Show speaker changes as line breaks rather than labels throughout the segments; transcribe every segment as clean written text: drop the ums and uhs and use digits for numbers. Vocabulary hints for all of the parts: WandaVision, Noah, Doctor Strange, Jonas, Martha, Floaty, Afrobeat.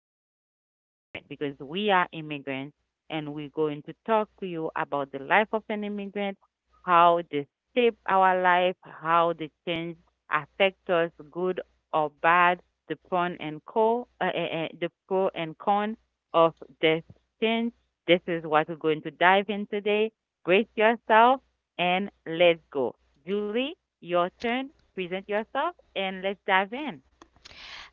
life of an immigrant because we are immigrants and we're going to talk to you about the life of an immigrant, how they shape our life, how the change affect us, good or bad the Dupont and Co. The pro and con of this change. This is what we're going to dive in today. Brace yourself and let's go. Julie, your turn. Present yourself and let's dive in.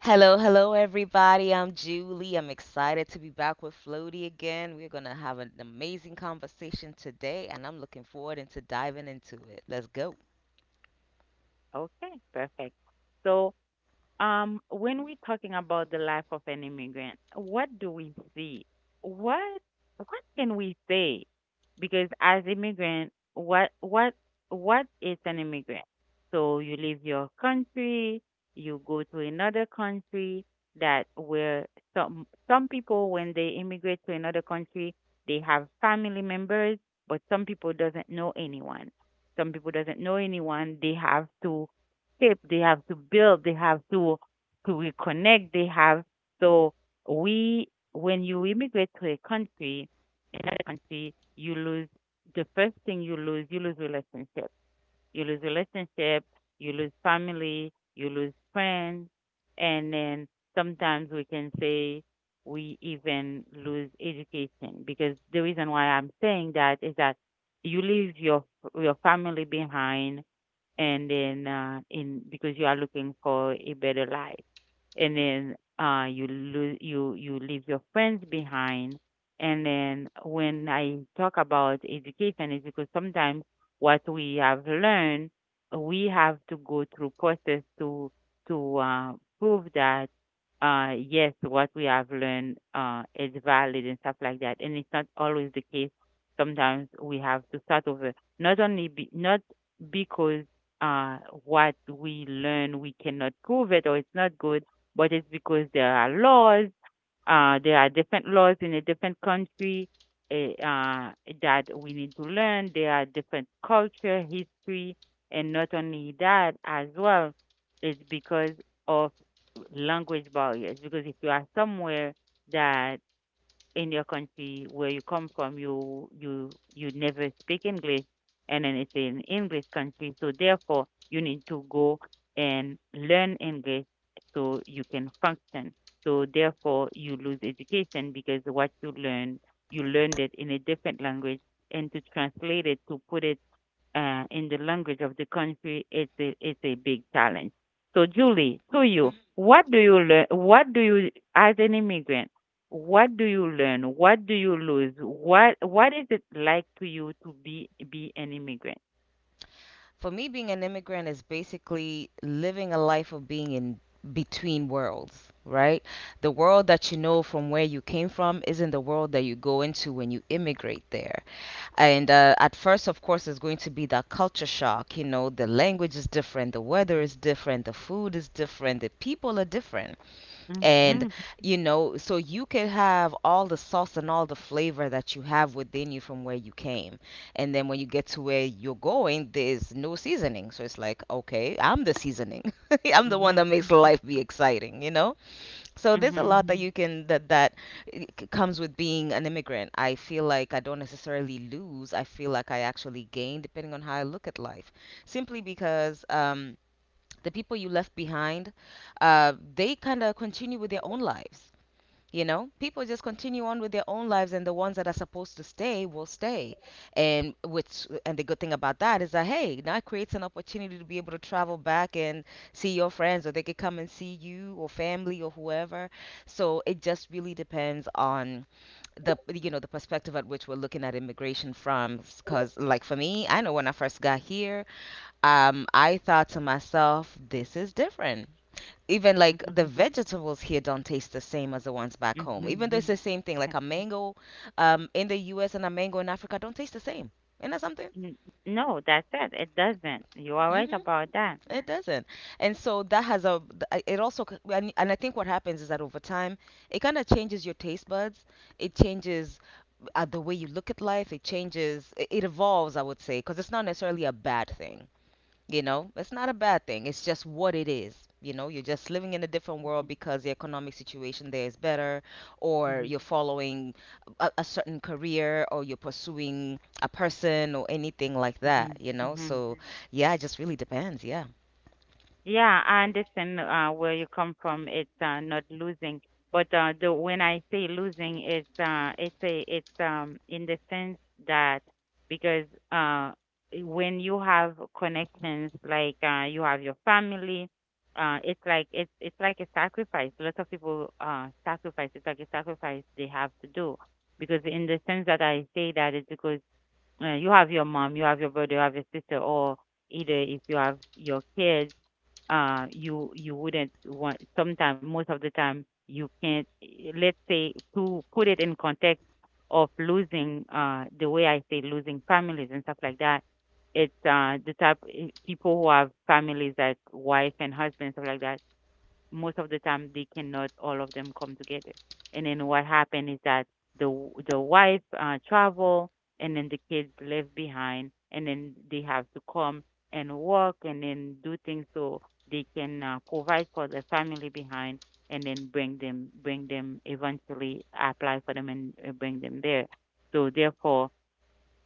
Hello, hello, everybody. I'm Julie. I'm excited to be back with Floaty again. We're going to have an amazing conversation today, and I'm looking forward into diving into it. Let's go.
Okay, perfect. So when we're talking about the life of an immigrant, what do we see? What what can we say? Because as immigrant, what is an immigrant? So you leave your country, you go to another country that where some some people when they immigrate to another country, they have family members, but some people doesn't know anyone. Some people doesn't know anyone. They have to shape, they have to build, they have to reconnect, they have, so we, when you immigrate to a country, another country, you lose the first thing you lose relationship. You lose relationship, you lose family, you lose friends, and then sometimes we can say we even lose education because the reason why I'm saying that is that you leave your family behind and then in because you are looking for a better life and then you leave your friends behind and then when I talk about education is because sometimes what we have learned we have to go through process to to uh, prove that yes what we have learned is valid and stuff like that and it's not always the case sometimes we have to start over not only be, not because uh, what we learn, we cannot prove it or it's not good, but it's because there are laws, there are different laws in a different country eh, uh, that we need to learn. There are different culture, history, and not only that as well, it's because of language barriers. Because if you are somewhere that in your country where you come from you never speak English and then it's an English country so therefore you need to go and learn English so you can function so therefore you lose education because what you learn you learned it in a different language and to translate it to put it in the language of the country, it's a big challenge. So, Julie, to you,
Mhm.
what do you learn? What do you, as an immigrant, what do you learn? What do you lose? What is it like to you to be an immigrant?
For me, being an immigrant is basically living a life of being in between worlds, right? The world that you know from where you came from isn't the world that you go into when you immigrate there. And at first, of course, it's going to be that culture shock. You know, the language is different, the weather
Mm-hmm.
is different, the food is different, the people are different. And,
Hmm.
you know, so you can have all the sauce and all the flavor that you have within you from where you came. And then when you get to where you're going, there's no seasoning. So it's like, okay, I'm the seasoning. I'm the
Hmm.
one that makes life be exciting, you know? So there's a
Hmm.
lot that Mhm. you can that comes with being an immigrant. I feel like I don't necessarily lose. I feel like I actually gain depending on how I look at life. Simply because the people you left behind, they kind of continue with their own lives. You know, people just continue on with their own lives, and the ones that are supposed to stay will stay. And which, and the good thing about that is that hey, now it creates an opportunity to be able to travel back and see your friends, or they could come and see you or family or whoever. So it just really depends on the, you know, the perspective at which we're looking at immigration from. Because like for me, I know when I first got here, I thought to myself, this is different, even like the vegetables here don't taste the same as the ones back home. Even
Hmm.
though it's the same thing, like a mango in the U.S. and a mango in Africa don't taste the same. Isn't that something?
N- No, that's it. It doesn't. You are right
Hmm.
about that.
It doesn't. And so that has a it also and I think what happens is that over time it kind of changes your taste buds. It changes the way you look at life. It changes. It evolves, I would say, because it's not necessarily a bad thing. You know, it's not a bad thing. It's just what it is. You know, you're just living in a different world because the economic situation there is better, or
Mm-hmm.
you're following a certain career, or you're pursuing a person, or anything like that.
Hmm.
You know,
Hmm.
so yeah, it just really depends. Yeah.
Yeah, I understand where you come from. It's not losing, but the when I say losing, it's in the sense that because uh when you have connections like you have your family, it's like it's like a sacrifice. Lots of people sacrifice. It's like a sacrifice they have to do because in the sense that I say that is because you have your mom, you have your brother, you have your sister, or either if you have your kids you wouldn't want sometimes most of the time you can't let's say to put it in context of losing the way I say losing families and stuff like that it's the type people who have families like wife and husband stuff like that most of the time they cannot all of them come together. And then what happened is that the the wife travel, and then the kids left behind, and then they have to come and work, and then do things so they can provide for the family behind, and then bring them eventually apply for them and bring them there. So therefore,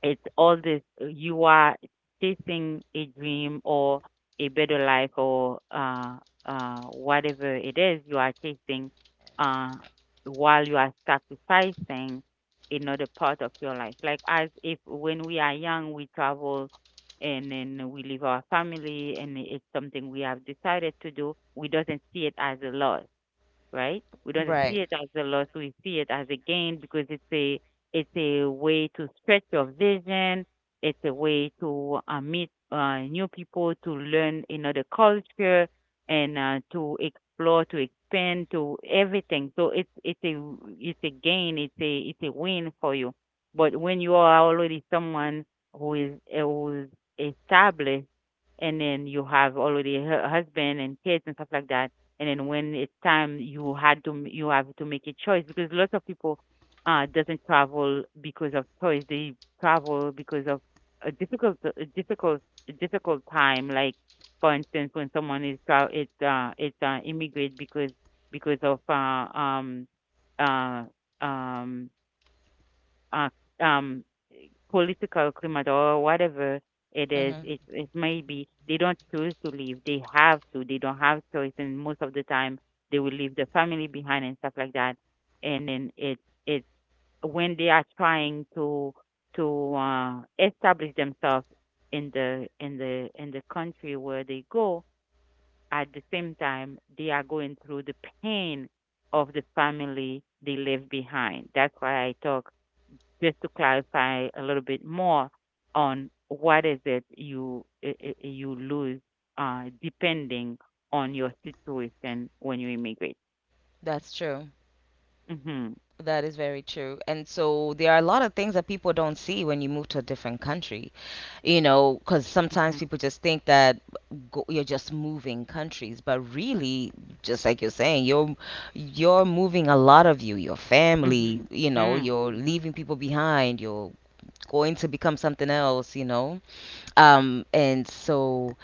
it's all this you are chasing a dream or a better life or whatever it is you are chasing uh, while you are sacrificing another part of your life. Like as if when we are young, we travel and then we leave our family and it's something we have decided to do. We doesn't see it as a loss right? We don't see
Right.
it as a loss, we see it as a gain because it's a way to stretch your vision. It's a way to meet new people, to learn another culture, and to explore, to expand, to everything. So it's a gain, it's a win for you. But when you are already someone who is who is established, and then you have already a husband and kids and stuff like that, and then when it's time you had to you have to make a choice because lots of people doesn't travel because of choice they travel because of a difficult a difficult a difficult time like for instance when someone is tra- it's immigrate because of uh um uh, um, political climate or whatever it is,
Mm-hmm.
it may be they don't choose to leave. They have to. They don't have choice, and most of the time they will leave the family behind and stuff like that. And then it when they are trying to to uh, establish themselves in the country where they go. At the same time, they are going through the pain of the family they left behind. That's why I talk just to clarify a little bit more on what is it you you lose depending on your situation when you immigrate.
That's true.
Mm-hmm.
That is very true. And so there are a lot of things that people don't see when you move to a different country. You know, because sometimes
Mm-hmm.
people just think that go, you're just moving countries, but really, just like you're saying, you're moving a lot of you, your
Mm-hmm.
family, you know,
Mm-hmm.
you're leaving people behind, you're going to become something else, you know. Um, and so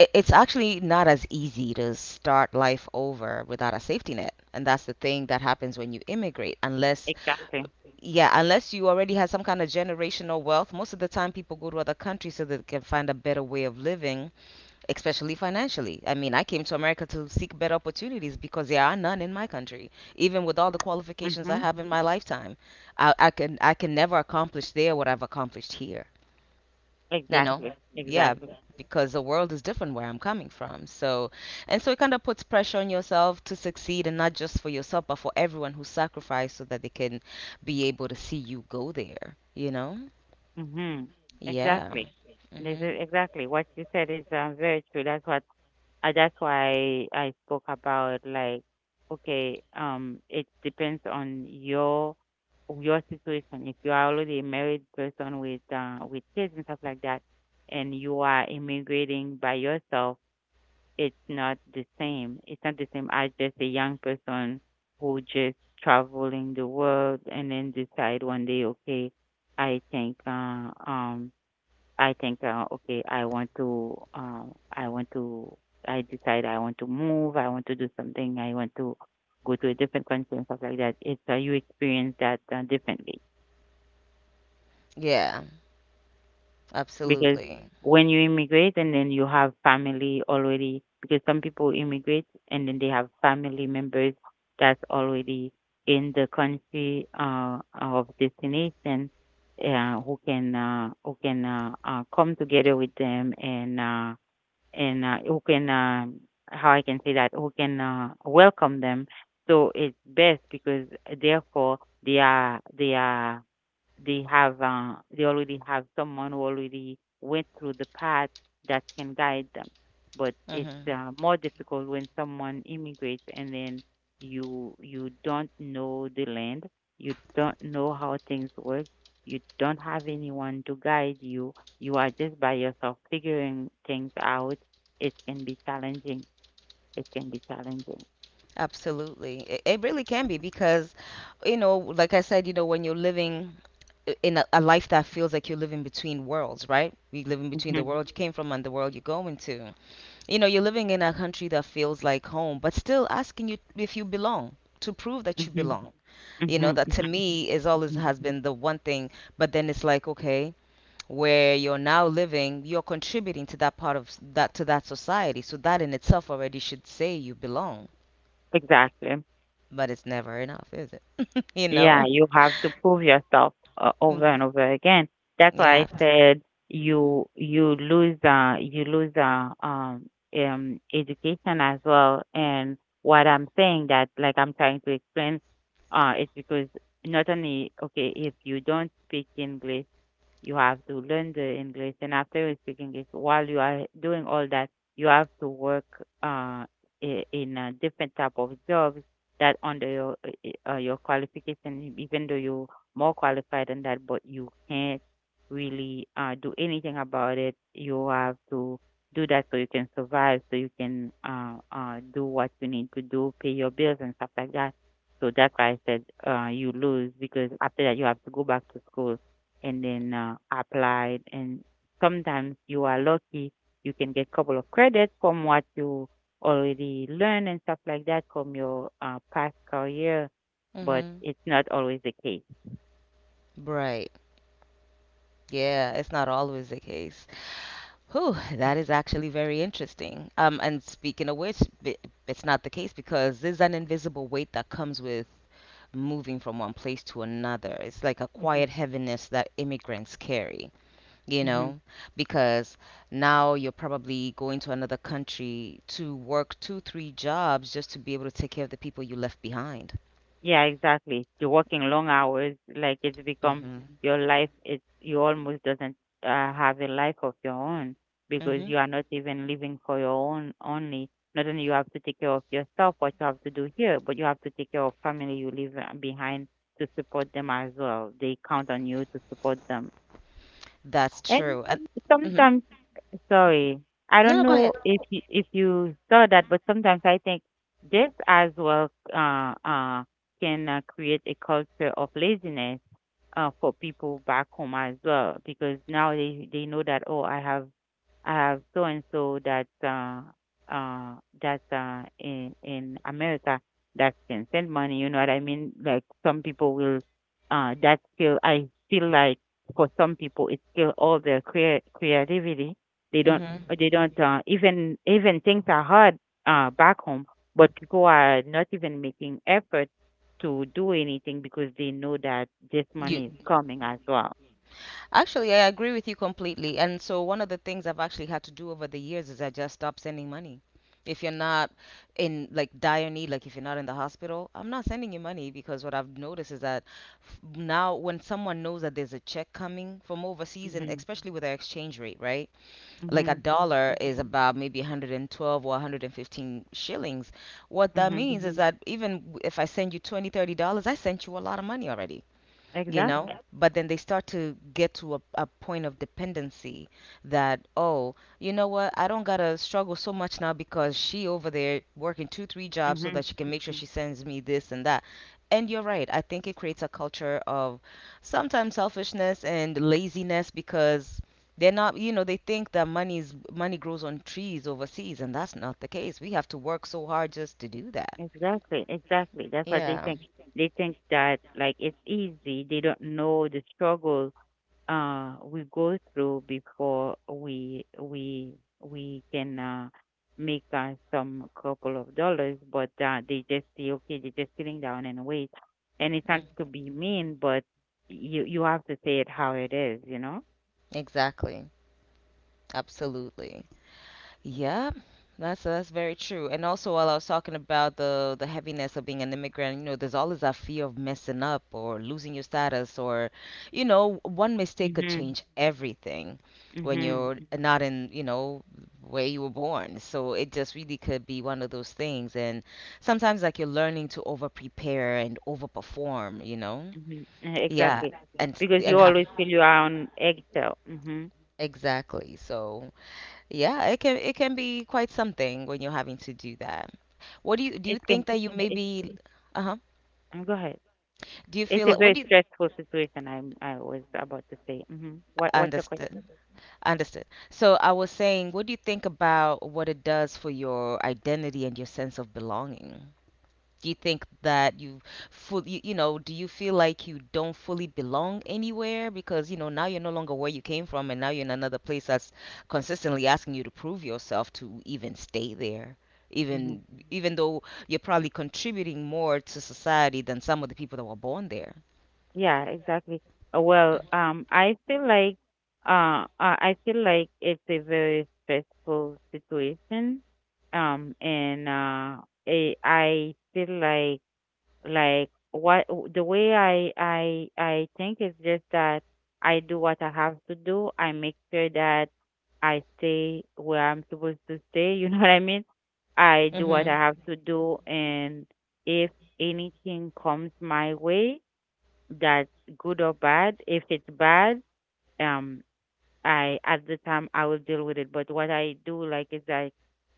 i- it's actually not as easy to start life over without a safety net, and that's the thing that happens when you immigrate, unless
Exactly.
yeah, unless you already have some kind of generational wealth. Most of the time people go to other countries so that they can find a better way of living, especially financially. I mean, I came to America to seek better opportunities because there are none in my country. Even with all the qualifications I
Mm-hmm.
have in my lifetime, I can never accomplish there what I've accomplished here, you know.
Exactly.
Yeah.
Exactly.
because the world is different where I'm coming from. So, and so it kind of puts pressure on yourself to succeed, and not just for yourself but for everyone who sacrificed so that they can be able to see you go there, you know?
Mm-hmm.
Yeah.
Exactly. This is
Hmm.
exactly what you said is very true. That's what That's why I spoke about like, okay, it depends on your situation. If you are already a married person with kids and stuff like that, and you are immigrating by yourself, it's not the same. It's not the same as just a young person who just traveling the world and then decide one day, okay, I think uh, um I think, okay, I want to, uh, I want to, I decide I want to move, I want to do something, I want to go to a different country and stuff like that. It's you experience that differently
Yeah,
because
absolutely.
when you immigrate and then you have family already, because some people immigrate and then they have family members that's already in the country of destination who can come together with them and who can how I can say that who can welcome them. So it's best because therefore they are they are they have they already have someone who already went through the path that can guide them. But it's
Hmm.
more difficult when someone immigrates and then you don't know the land, you don't know how things work, you don't have anyone to guide you. You are just by yourself figuring things out. It can be challenging. It can be challenging.
Absolutely, it really can be because, you know, like I said, you know, when you're living in a life that feels like you're living between worlds, right? We live in between the
Hmm.
world you came from and the world you're going to. You know, you're living in a country that feels like home, but still asking you if you belong, to prove that you
Hmm.
belong. You
Hmm.
know, that to me is always
Hmm.
has been the one thing, but then it's like, okay, where you're now living, you're contributing to that part of s- that to that society. So that in itself already should say you belong,
Exactly.
but it's never enough, is it? You
Yeah,
know?
you have to prove yourself
Mm.
over and over again. That's
You
why I
have to.
said you lose education as well. And what I'm saying that like I'm trying to explain it's because not only okay if you don't speak English you have to learn the English, and after you speak English, while you are doing all that, you have to work uh, in a different type of jobs that under your qualification, even though you're more qualified than that, but you can't really do anything about it. You have to do that so you can survive, so you can do what you need to do, pay your bills and stuff like that. So that's why I said you lose because after that you have to go back to school and then applied. And sometimes you are lucky, you can get couple of credits from what you already learned and stuff like that from your past career, but
Hmm.
it's not always the case.
Right. Yeah, it's not always the case. Whew, that is actually very interesting. And speaking of which, b- It's not the case because there's an invisible weight that comes with moving from one place to another. It's like a
Hmm.
quiet heaviness that immigrants carry, you
Hmm.
know, because now you're probably going to another country to work 2, 3 jobs just to be able to take care of the people you left behind.
Yeah, exactly. You're working long hours, like it's become
Hmm.
your life. It's you almost doesn't have a life of your own because
Hmm.
you are not even living for your own only. Not only you have to take care of yourself, what you have to do here, but you have to take care of family you leave behind to support them as well. They count on you to support them.
That's
And
true. And, hmm,
sometimes, sorry, I
no,
don't
no, go ahead.
know if you saw that, but sometimes I think this as well can create a culture of laziness for people back home as well, because now they know that, oh, I have so and so that uh, in America that can send money. You know what I mean? Like some people will that feel I feel like, for some people it's still all their creativity. they don't
Hmm.
they don't uh, even things are hard back home, but people are not even making effort to do anything because they know that this
You
money is coming as well.
actually, I agree with you completely. And so, one of the things I've actually had to do over the years is I just stopped sending money. If you're not in like dire need, like if you're not in the hospital, I'm not sending you money because what I've noticed is that now when someone knows that there's a check coming from overseas, and
Mhm.
especially with our exchange rate, right? Like a
Mhm.
dollar is
Mhm.
about maybe 112 or 115 shillings. What that
Mhm.
means is hmm that even if I send you 20, $30, I sent you a lot of money already, you know.
Exactly.
Yep. But then they start to get to a point of dependency that, oh, you know what, I don't gotta struggle so much now because she over there working 2 3 jobs so
Mhm.
that she can make sure
Mhm.
she sends me this and that. And you're right, I think it creates a culture of sometimes selfishness and laziness because they're not, you know, they think that money grows on trees overseas, and that's not the case. We have to work so hard just to do that.
Exactly, exactly, that's what they
Yeah.
think. They think that, like, it's easy, they don't know the struggle we go through before we can make some couple of dollars, but they just say, okay, they're just sitting down and wait. And it's not
Mm.
to be mean, but you have to say it how it is.
Exactly. Absolutely. Yeah, that's very true. And also, while I was talking about the heaviness of being an immigrant, you know, there's always that fear of messing up or losing your status, or, you know, one mistake could
Mm-hmm.
change everything when
Mm-hmm.
you're not in, you know, where you were born. So it just really could be one of those things. And sometimes, like, you're learning to over prepare and over perform, you know?
Mm-hmm. hmm
Yeah,
Exactly, because you
and have
always feel you are on eggshell. Hmm.
exactly. So yeah, it can be quite something when you're having to do that. What do you
It can.
think that you
It,
maybe uh-huh.
Go ahead.
Do you
It's
feel
a
what
very
do you
stressful situation. I was about to say. What's your
understood?
question?
Understood. So I was saying, what do you think about what it does for your identity and your sense of belonging? Do you think that you you know, do you feel like you don't fully belong anywhere because you know now you're no longer where you came from and now you're in another place that's consistently asking you to prove yourself to even stay there? Even even though you're probably contributing more to society than some of the people that were born there.
Yeah, exactly. Well, I feel like it's a very stressful situation. And I feel like what the way I think is just that I do what I have to do. I make sure that I stay where I'm supposed to stay. You know what I mean? I do what
Mhm.
I have to do, and if anything comes my way, that, good or bad. If it's bad, um, I at the time I will deal with it. But what I do like is that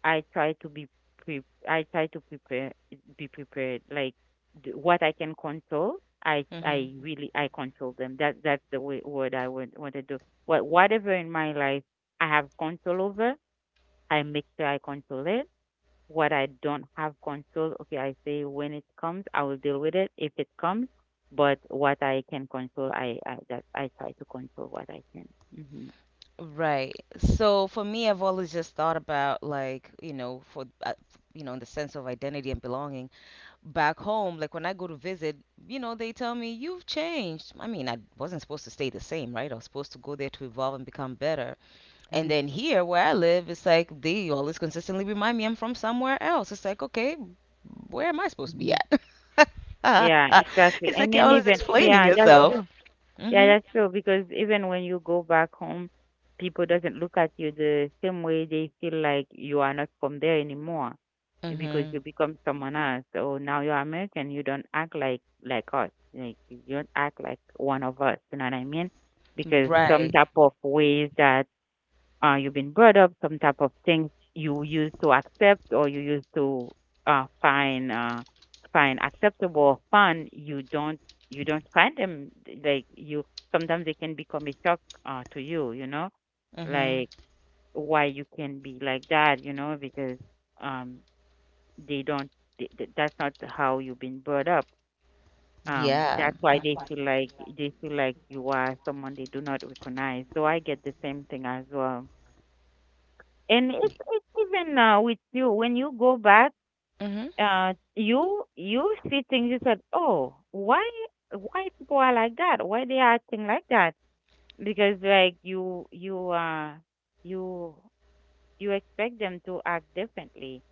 I try to be pre- I try to prepare, be prepared. Like, what I can control, I I
Mhm.
really I control them. That's the way, word I would want to do. Whatever in my life I have control over, I make sure I control it. What I don't have control, okay, I say when it comes, I will deal with it if it comes. But what I can control, I that I try to control what I can. Hmm.
Right. So for me, I've always just thought about like, you know, for you know, in the sense of identity and belonging back home, like when I go to visit, you know, they tell me you've changed. I mean, I wasn't supposed to stay the same, right? I was supposed to go there to evolve and become better. And
Hmm.
then here where I live, it's like they always consistently remind me I'm from somewhere else. It's like, okay, where am I supposed to be
Hmm.
at?
Yeah, exactly.
It's
And
like you're
then
always
even,
explaining
yeah, that's
yourself.
true. Yeah,
Mhm.
that's true, because even when you go back home, people doesn't look at you the same way. They feel like you are not from there anymore, because
Mhm.
you become someone else. So now you're American, you don't act like us. Like, you don't act like one of us, you know what I mean? Because some
Right.
type of ways that you've been brought up, some type of things you used to accept or you used to uh, find uh, find acceptable or fun, you don't, you don't find them, like you, sometimes they can become a shock to you, you know,
Mm-hmm.
like, why you can be like that, you know, because um, they don't th- th- that's not how you've been brought up. Um,
Yeah.
that's why they feel like you are someone they do not recognize. So I get the same thing as well, and it's even now, with you, when you go back,
Mm-hmm.
you see things, you said, oh, why, people are like that, why they are acting like that, because, like, you you expect them to act differently.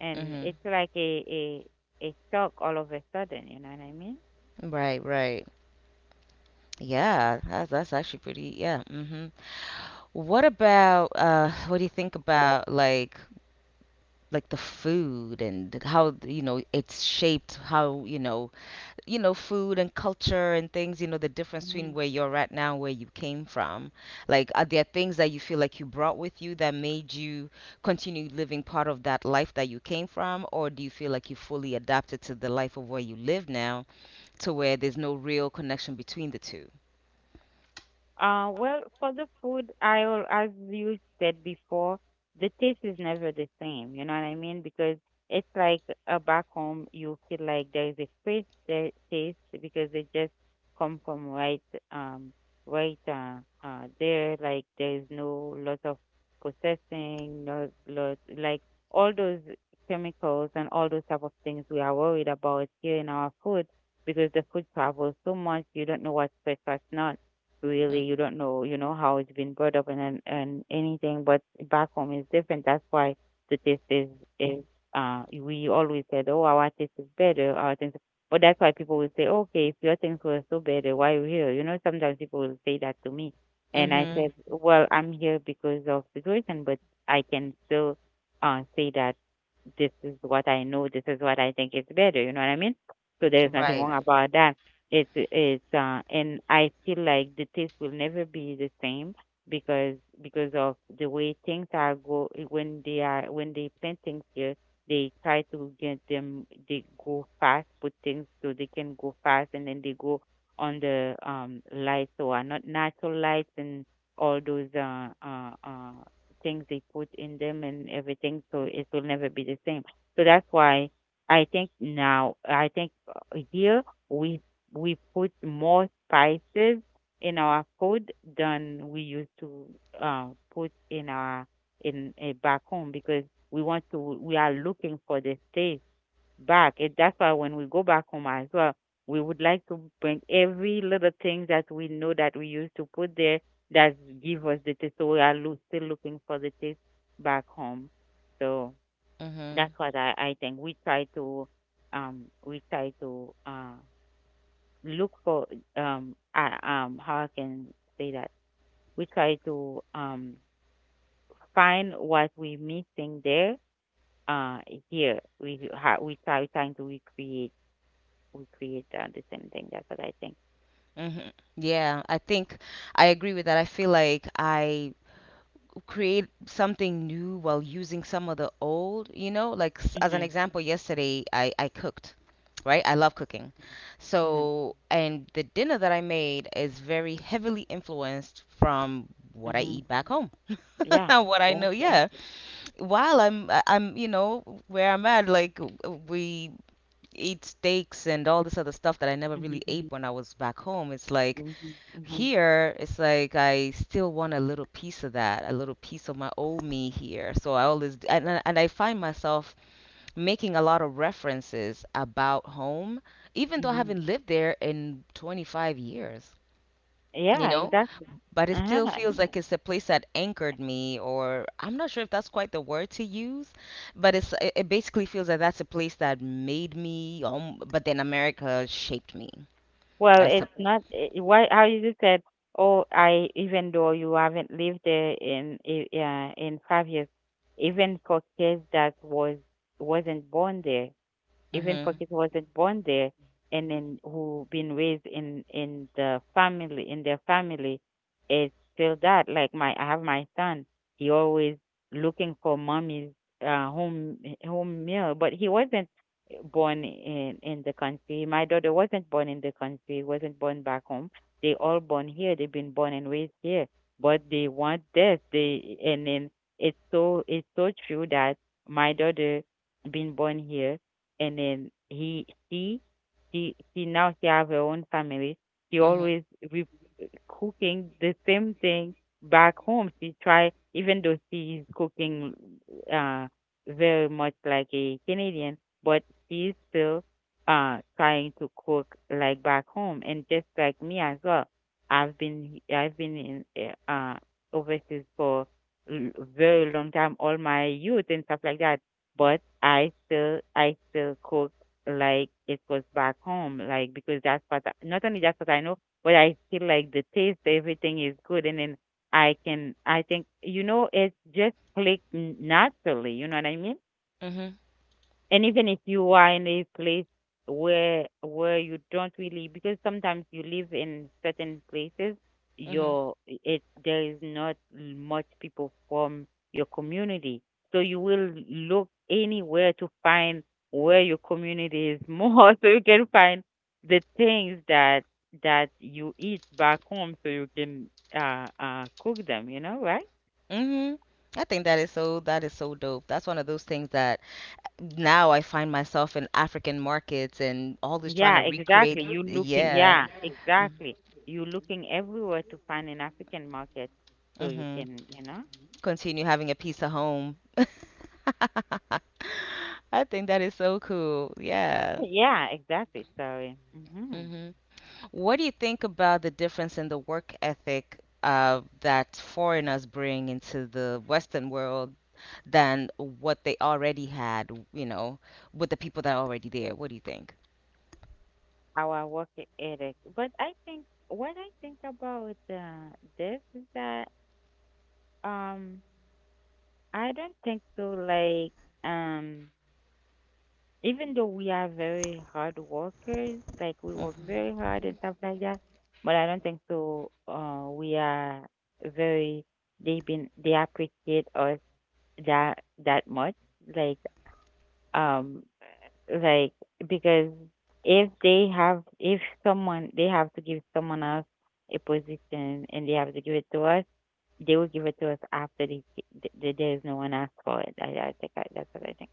And
Mm-hmm.
it's like a shock all of a sudden, you know what I mean?
Right, right. Yeah, that's actually pretty. Yeah. Mm-hmm. What about what do you think about like the food and how you know it's shaped how you know food and culture and things you know the difference between where you're at now and where you came from, like are there things that you feel like you brought with you that made you continue living part of that life that you came from, or do you feel like you fully adapted to the life of where you live now to where there's no real connection between the two.
Well, for the food, I will, as you said before, the taste is never the same. You know what I mean? Because it's like, back home, you feel like there is a fresh taste, because they just come from um, right there. Like, there is no lot of processing, no lot, like, all those chemicals and all those type of things we are worried about here in our food, because the food travels so much. You don't know what's fresh, what's not, really you don't know, how it's been brought up and anything, but back home is different. That's why the taste is uh we always said, oh, our taste is better, our things. But that's why people will say, okay, if your things were so better, why you here, sometimes people will say that to me. And I
Mm-hmm.
said, well, I'm here because of situation, but I can still say that this is what I know, this is what I think is better, you know what I mean? So there's nothing
Right.
wrong about that. It is, and I feel like the taste will never be the same, because of the way things are when they plant things here. They try to get them. They go fast, put things so they can go fast, and then they go on the lights, so are not natural lights, and all those things they put in them and everything. So it will never be the same. So that's why I think now, I think, here, we we put more spices in our food than we used to, uh, put in our in back home, because we want to, we are looking for the taste back. And that's why when we go back home as well, we would like to bring every little thing that we know that we used to put there, that give us the taste. So we are still looking for the taste back home. So
Mm-hmm.
that's what I think, we try to um we try to uh look for, I how I can say that, we try to find what we missing there, uh here we do, ha- we try trying to recreate, we create the same thing, that's what I think.
Mm-hmm. Yeah, I think I agree with that. I feel like I create something new while using some of the old, like as an
Mhm.
example, yesterday I cooked, right? I love cooking.
Mhm.
So, and the dinner that I made is very heavily influenced from what I
Mhm.
eat back home.
Yeah,
What I know,
exactly.
yeah. While I'm, where I'm at, like we eat steaks and all this other stuff that I never
Mhm.
really ate when I was back home. It's like
Mhm. Mhm.
here, it's like I still want a little piece of that, a little piece of my old me here. So I always d- and I find myself making a lot of references about home, even though I
Mhm.
haven't lived there in 25 years, you
Yeah,
know
exactly.
but it still
Uh-huh.
feels like it's a place that anchored me, or I'm not sure if that's quite the word to use, but it basically feels like that's a place that made me, but then America shaped me.
Well,
i sup-
it's not why how you just said, oh, I even though you haven't lived there in in 5 years, even for kids that was wasn't born there, even for
mhm,
kids who wasn't born there, and then who been raised in their family. It's still that, like, my I have my son, he always looking for mommy's uh home home meal, but he wasn't born in the country, my daughter wasn't born in the country, wasn't born back home, they all born here, they've been born and raised here, but they want this. They and then It's so true that my daughter been born here, and then he she now she have her own family. She
mhm,
always, we cooking the same thing back home. She try, even though she is cooking uh, very much like a Canadian, but she's still trying to cook like back home. And just like me as well, I've been in overseas for very long time, all my youth and stuff like that. But I still cook like it was back home, like, because not only that's what I know, but I feel like the taste, everything is good, and then I can, I think, it just clicked naturally. You know what I mean?
mhm,
And even if you are in a place where you don't really, because sometimes you live in certain places,
mhm,
your it, there is not much people from your community, so you will look anywhere to find where your community is more, so you can find the things that you eat back home, so you can cook them, you know, right?
mhm. I think that is so dope. That's one of those things that now I find myself in African markets and all this trying
Yeah,
to recreate,
exactly. You looking,
yeah.
yeah,
Mm-hmm.
exactly. You looking everywhere to find an African market so you
Mm-hmm.
can.
Continue having a piece of home. I think that is so cool. Yeah.
Yeah, exactly. Sorry. Mm-hmm.
Hmm. What do you think about the difference in the work ethic that foreigners bring into the Western world than what they already had, with the people that are already there? What do you think?
Our work ethic. But I think, what I think about this is that, um I don't think so, like, um even though we are very hard workers, like we work very
Hmm.
hard and stuff like that, but I don't think so. We are very they been they appreciate us that that much. Like, um like because, if someone they have to give someone else a position, and they have to give it to us, they will give it to us after there is no one asked for it. I think, that's what I think.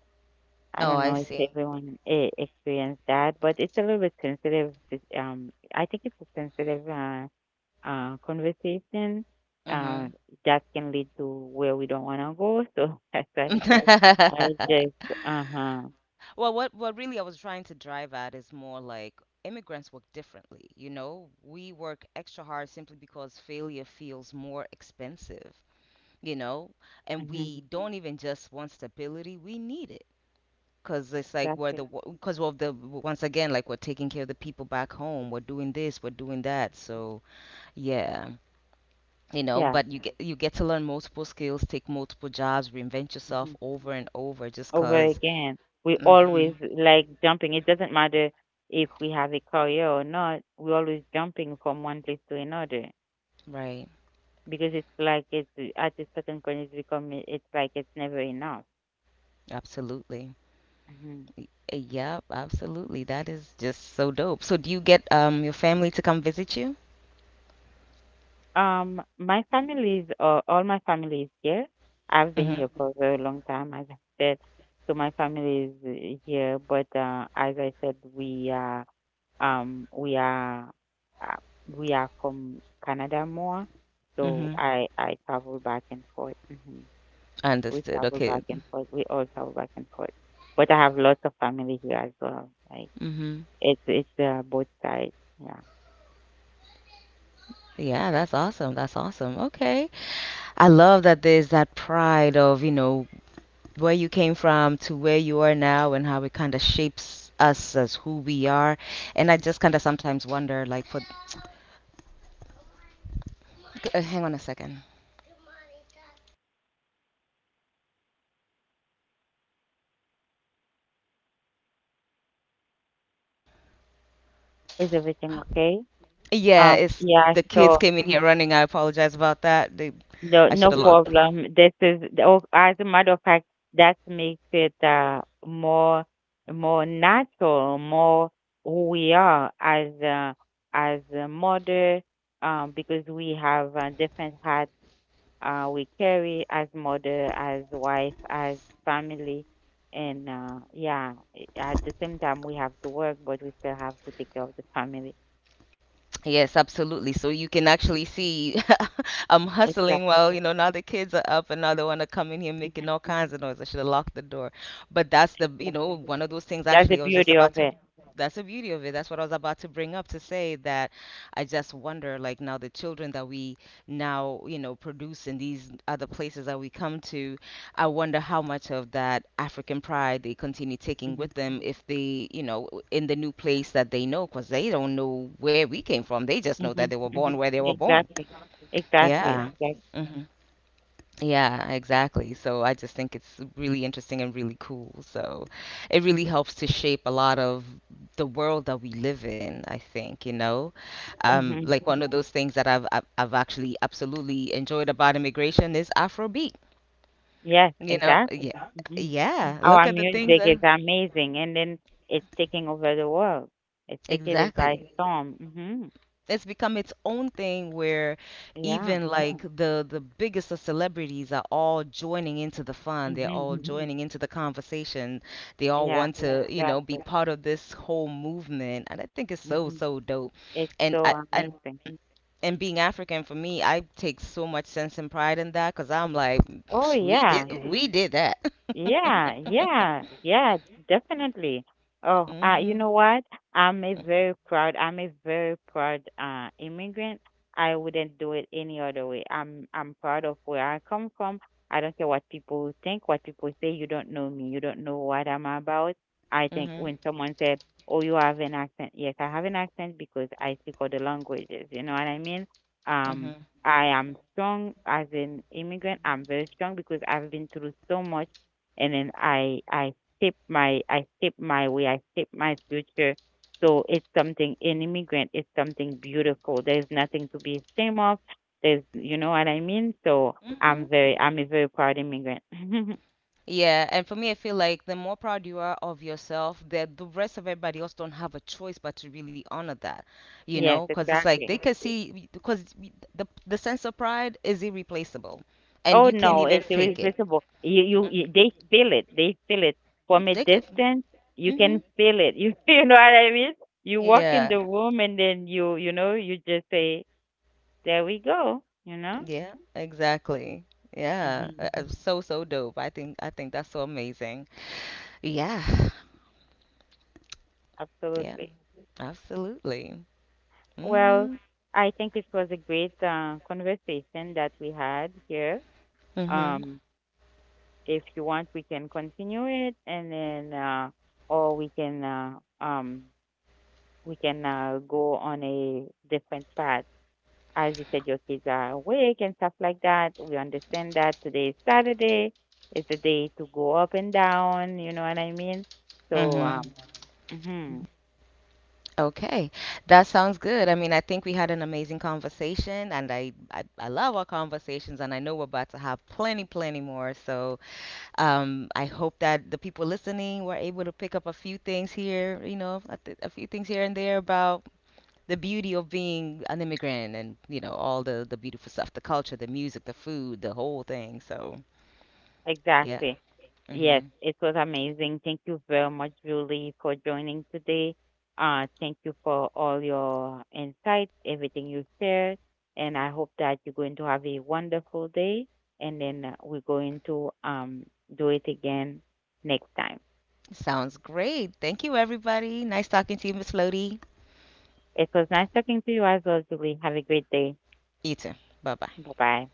I
Oh,
don't
I
know if
see.
everyone experienced that, but it's a little bit sensitive. I think it's a sensitive conversation uh,
Mm-hmm.
that can lead to where we don't want to go. So that's why I just, uh huh,
Well, what really I was trying to drive at is more like immigrants work differently. You know, we work extra hard simply because failure feels more expensive. You know, and
hmm
we don't even just want stability; we need it because it's like we're
exactly.
the because of the once again, like we're taking care of the people back home. We're doing this, we're doing that. So yeah. You know,
Yeah,
but you get to learn multiple skills, take multiple jobs, reinvent yourself
hmm
over and over just
over
because.
again. We always
Hmm.
like jumping. It doesn't matter if we have a career or not, we're always jumping from one place to another.
Right.
Because it's like it's at a certain point it's becoming it's like it's never enough.
Absolutely.
Mhm.
Yep, absolutely. That is just so dope. So do you get your family to come visit you?
My family is all my family is here. I've been
Mm-hmm.
here for a very long time, as I said. So my family is here, but as I said, um we are uh, we are from Canada more. So
Mm-hmm.
I travel back and forth. Hmm. We
Understood.
travel
Okay.
back and forth. We all travel back and forth. But I have lots of family here as well. Like,
Mm-hmm.
it's it's both sides. Yeah.
Yeah, that's awesome. That's awesome. Okay. I love that there's that pride of, where you came from to where you are now, and how it kind of shapes us as who we are. And I just kind of sometimes wonder, like, for hang on a second.
Is everything okay?
Yeah, it's
Yeah.
the kids
So
came in here running. I apologize about that.
no,
I should
no
have locked.
problem. This is, oh, as a matter of fact, that makes it more, more natural, more who we are as a mother, because we have different hats we carry as mother, as wife, as family. And yeah, at the same time, we have to work, but we still have to take care of the family.
Yes, absolutely. So you can actually see, I'm hustling
Exactly,
while, now the kids are up and now they want to come in here making all kinds of noise. I should have locked the door. But that's the,
exactly.
one of those things
That's the
actually I was just
beauty
about
of
to,
it.
that's the beauty of it. That's what I was about to bring up to say that I just wonder, like, now the children that we now, produce in these other places that we come to. I wonder how much of that African pride they continue taking
Mm-hmm,
with them if they, in the new place that they know, because they don't know where we came from. They just know that
mm-hmm,
they were born
mm-hmm.
where they were born.
Exactly, exactly,
Yeah.
exactly.
Exactly. Hmm. Yeah, exactly. So I just think it's really interesting and really cool. So it really helps to shape a lot of the world that we live in, I think.
Mm-hmm.
Like one of those things that I've actually absolutely enjoyed about immigration is Afrobeat.
Yes,
You know,
exactly.
yeah,
Mm-hmm.
yeah. Look
Our
at the things
music
that.
is amazing, and then it's taking over the world. It's taking it by
Exactly.
storm. Mm-hmm.
It's become its own thing where
Yeah.
even like the biggest of celebrities are all joining into the fun. They're
Mm-hmm.
all joining into the conversation. They all
Yeah,
want to, be
exactly.
part of this whole movement. And I think it's so,
Mm-hmm.
so dope.
It's
And
so
I
amazing.
and being African for me, I take so much sense and pride in that because I'm like,
Oh yeah.
we did that.
Yeah, yeah, yeah, definitely. Oh, you
Hmm.
know what? I'm a very proud immigrant. I wouldn't do it any other way. I'm proud of where I come from. I don't care what people think, what people say. You don't know me. You don't know what I'm about. I think
Hmm.
when someone said, "Oh, you have an accent," yes, I have an accent because I speak other languages. You know what I mean? Um, I am strong as an immigrant. I'm very strong because I've been through so much, and then I shape my way, I shape my future. So it's something an immigrant, it's something beautiful. There's nothing to be ashamed of. There's You know what I mean? So
Hmm.
I'm a very proud immigrant.
Yeah, and for me, I feel like the more proud you are of yourself, that the rest of everybody else don't have a choice but to really honor that,
Yes,
because it's like
exactly.
they can see because the sense of pride is irreplaceable, and
Oh
you can't
no,
even
it's
fake it.
irresistible. You they feel it. They feel it from a
They can,
distance. You
hmm
can feel it. You you know what I mean? You walk
yeah,
in the room and then you know you just say there we go. You know.
yeah, exactly, yeah.
Mm-hmm.
So so dope. I think that's so amazing. Yeah, yeah,
Absolutely.
absolutely.
Well,
Hmm.
I think it was a great conversation that we had here.
Hmm.
Um, if you want, we can continue it, and then, or um, we can go on a different path. As you said, your kids are awake and stuff like that. We understand that today is Saturday. It's a day to go up and down. You know what I mean? So,
Hmm.
mhm,
Okay, that sounds good. I mean, I think we had an amazing conversation, and I love our conversations, and I know we're about to have plenty, plenty more. So I hope that the people listening were able to pick up a few things here, a few things here and there about the beauty of being an immigrant and, you know, all the beautiful stuff, the culture, the music, the food, the whole thing. So, yeah.
exactly. Yes,
Hmm.
it was amazing. Thank you very much, Julie, for joining today. Thank you for all your insights, everything you shared, and I hope that you're going to have a wonderful day. And then we're going to do it again next time.
Sounds great. Thank you, everybody. Nice talking to you, Miss Floaty.
It was nice talking to you as well, Julie. Have a great day.
You too. Bye bye.
Bye bye.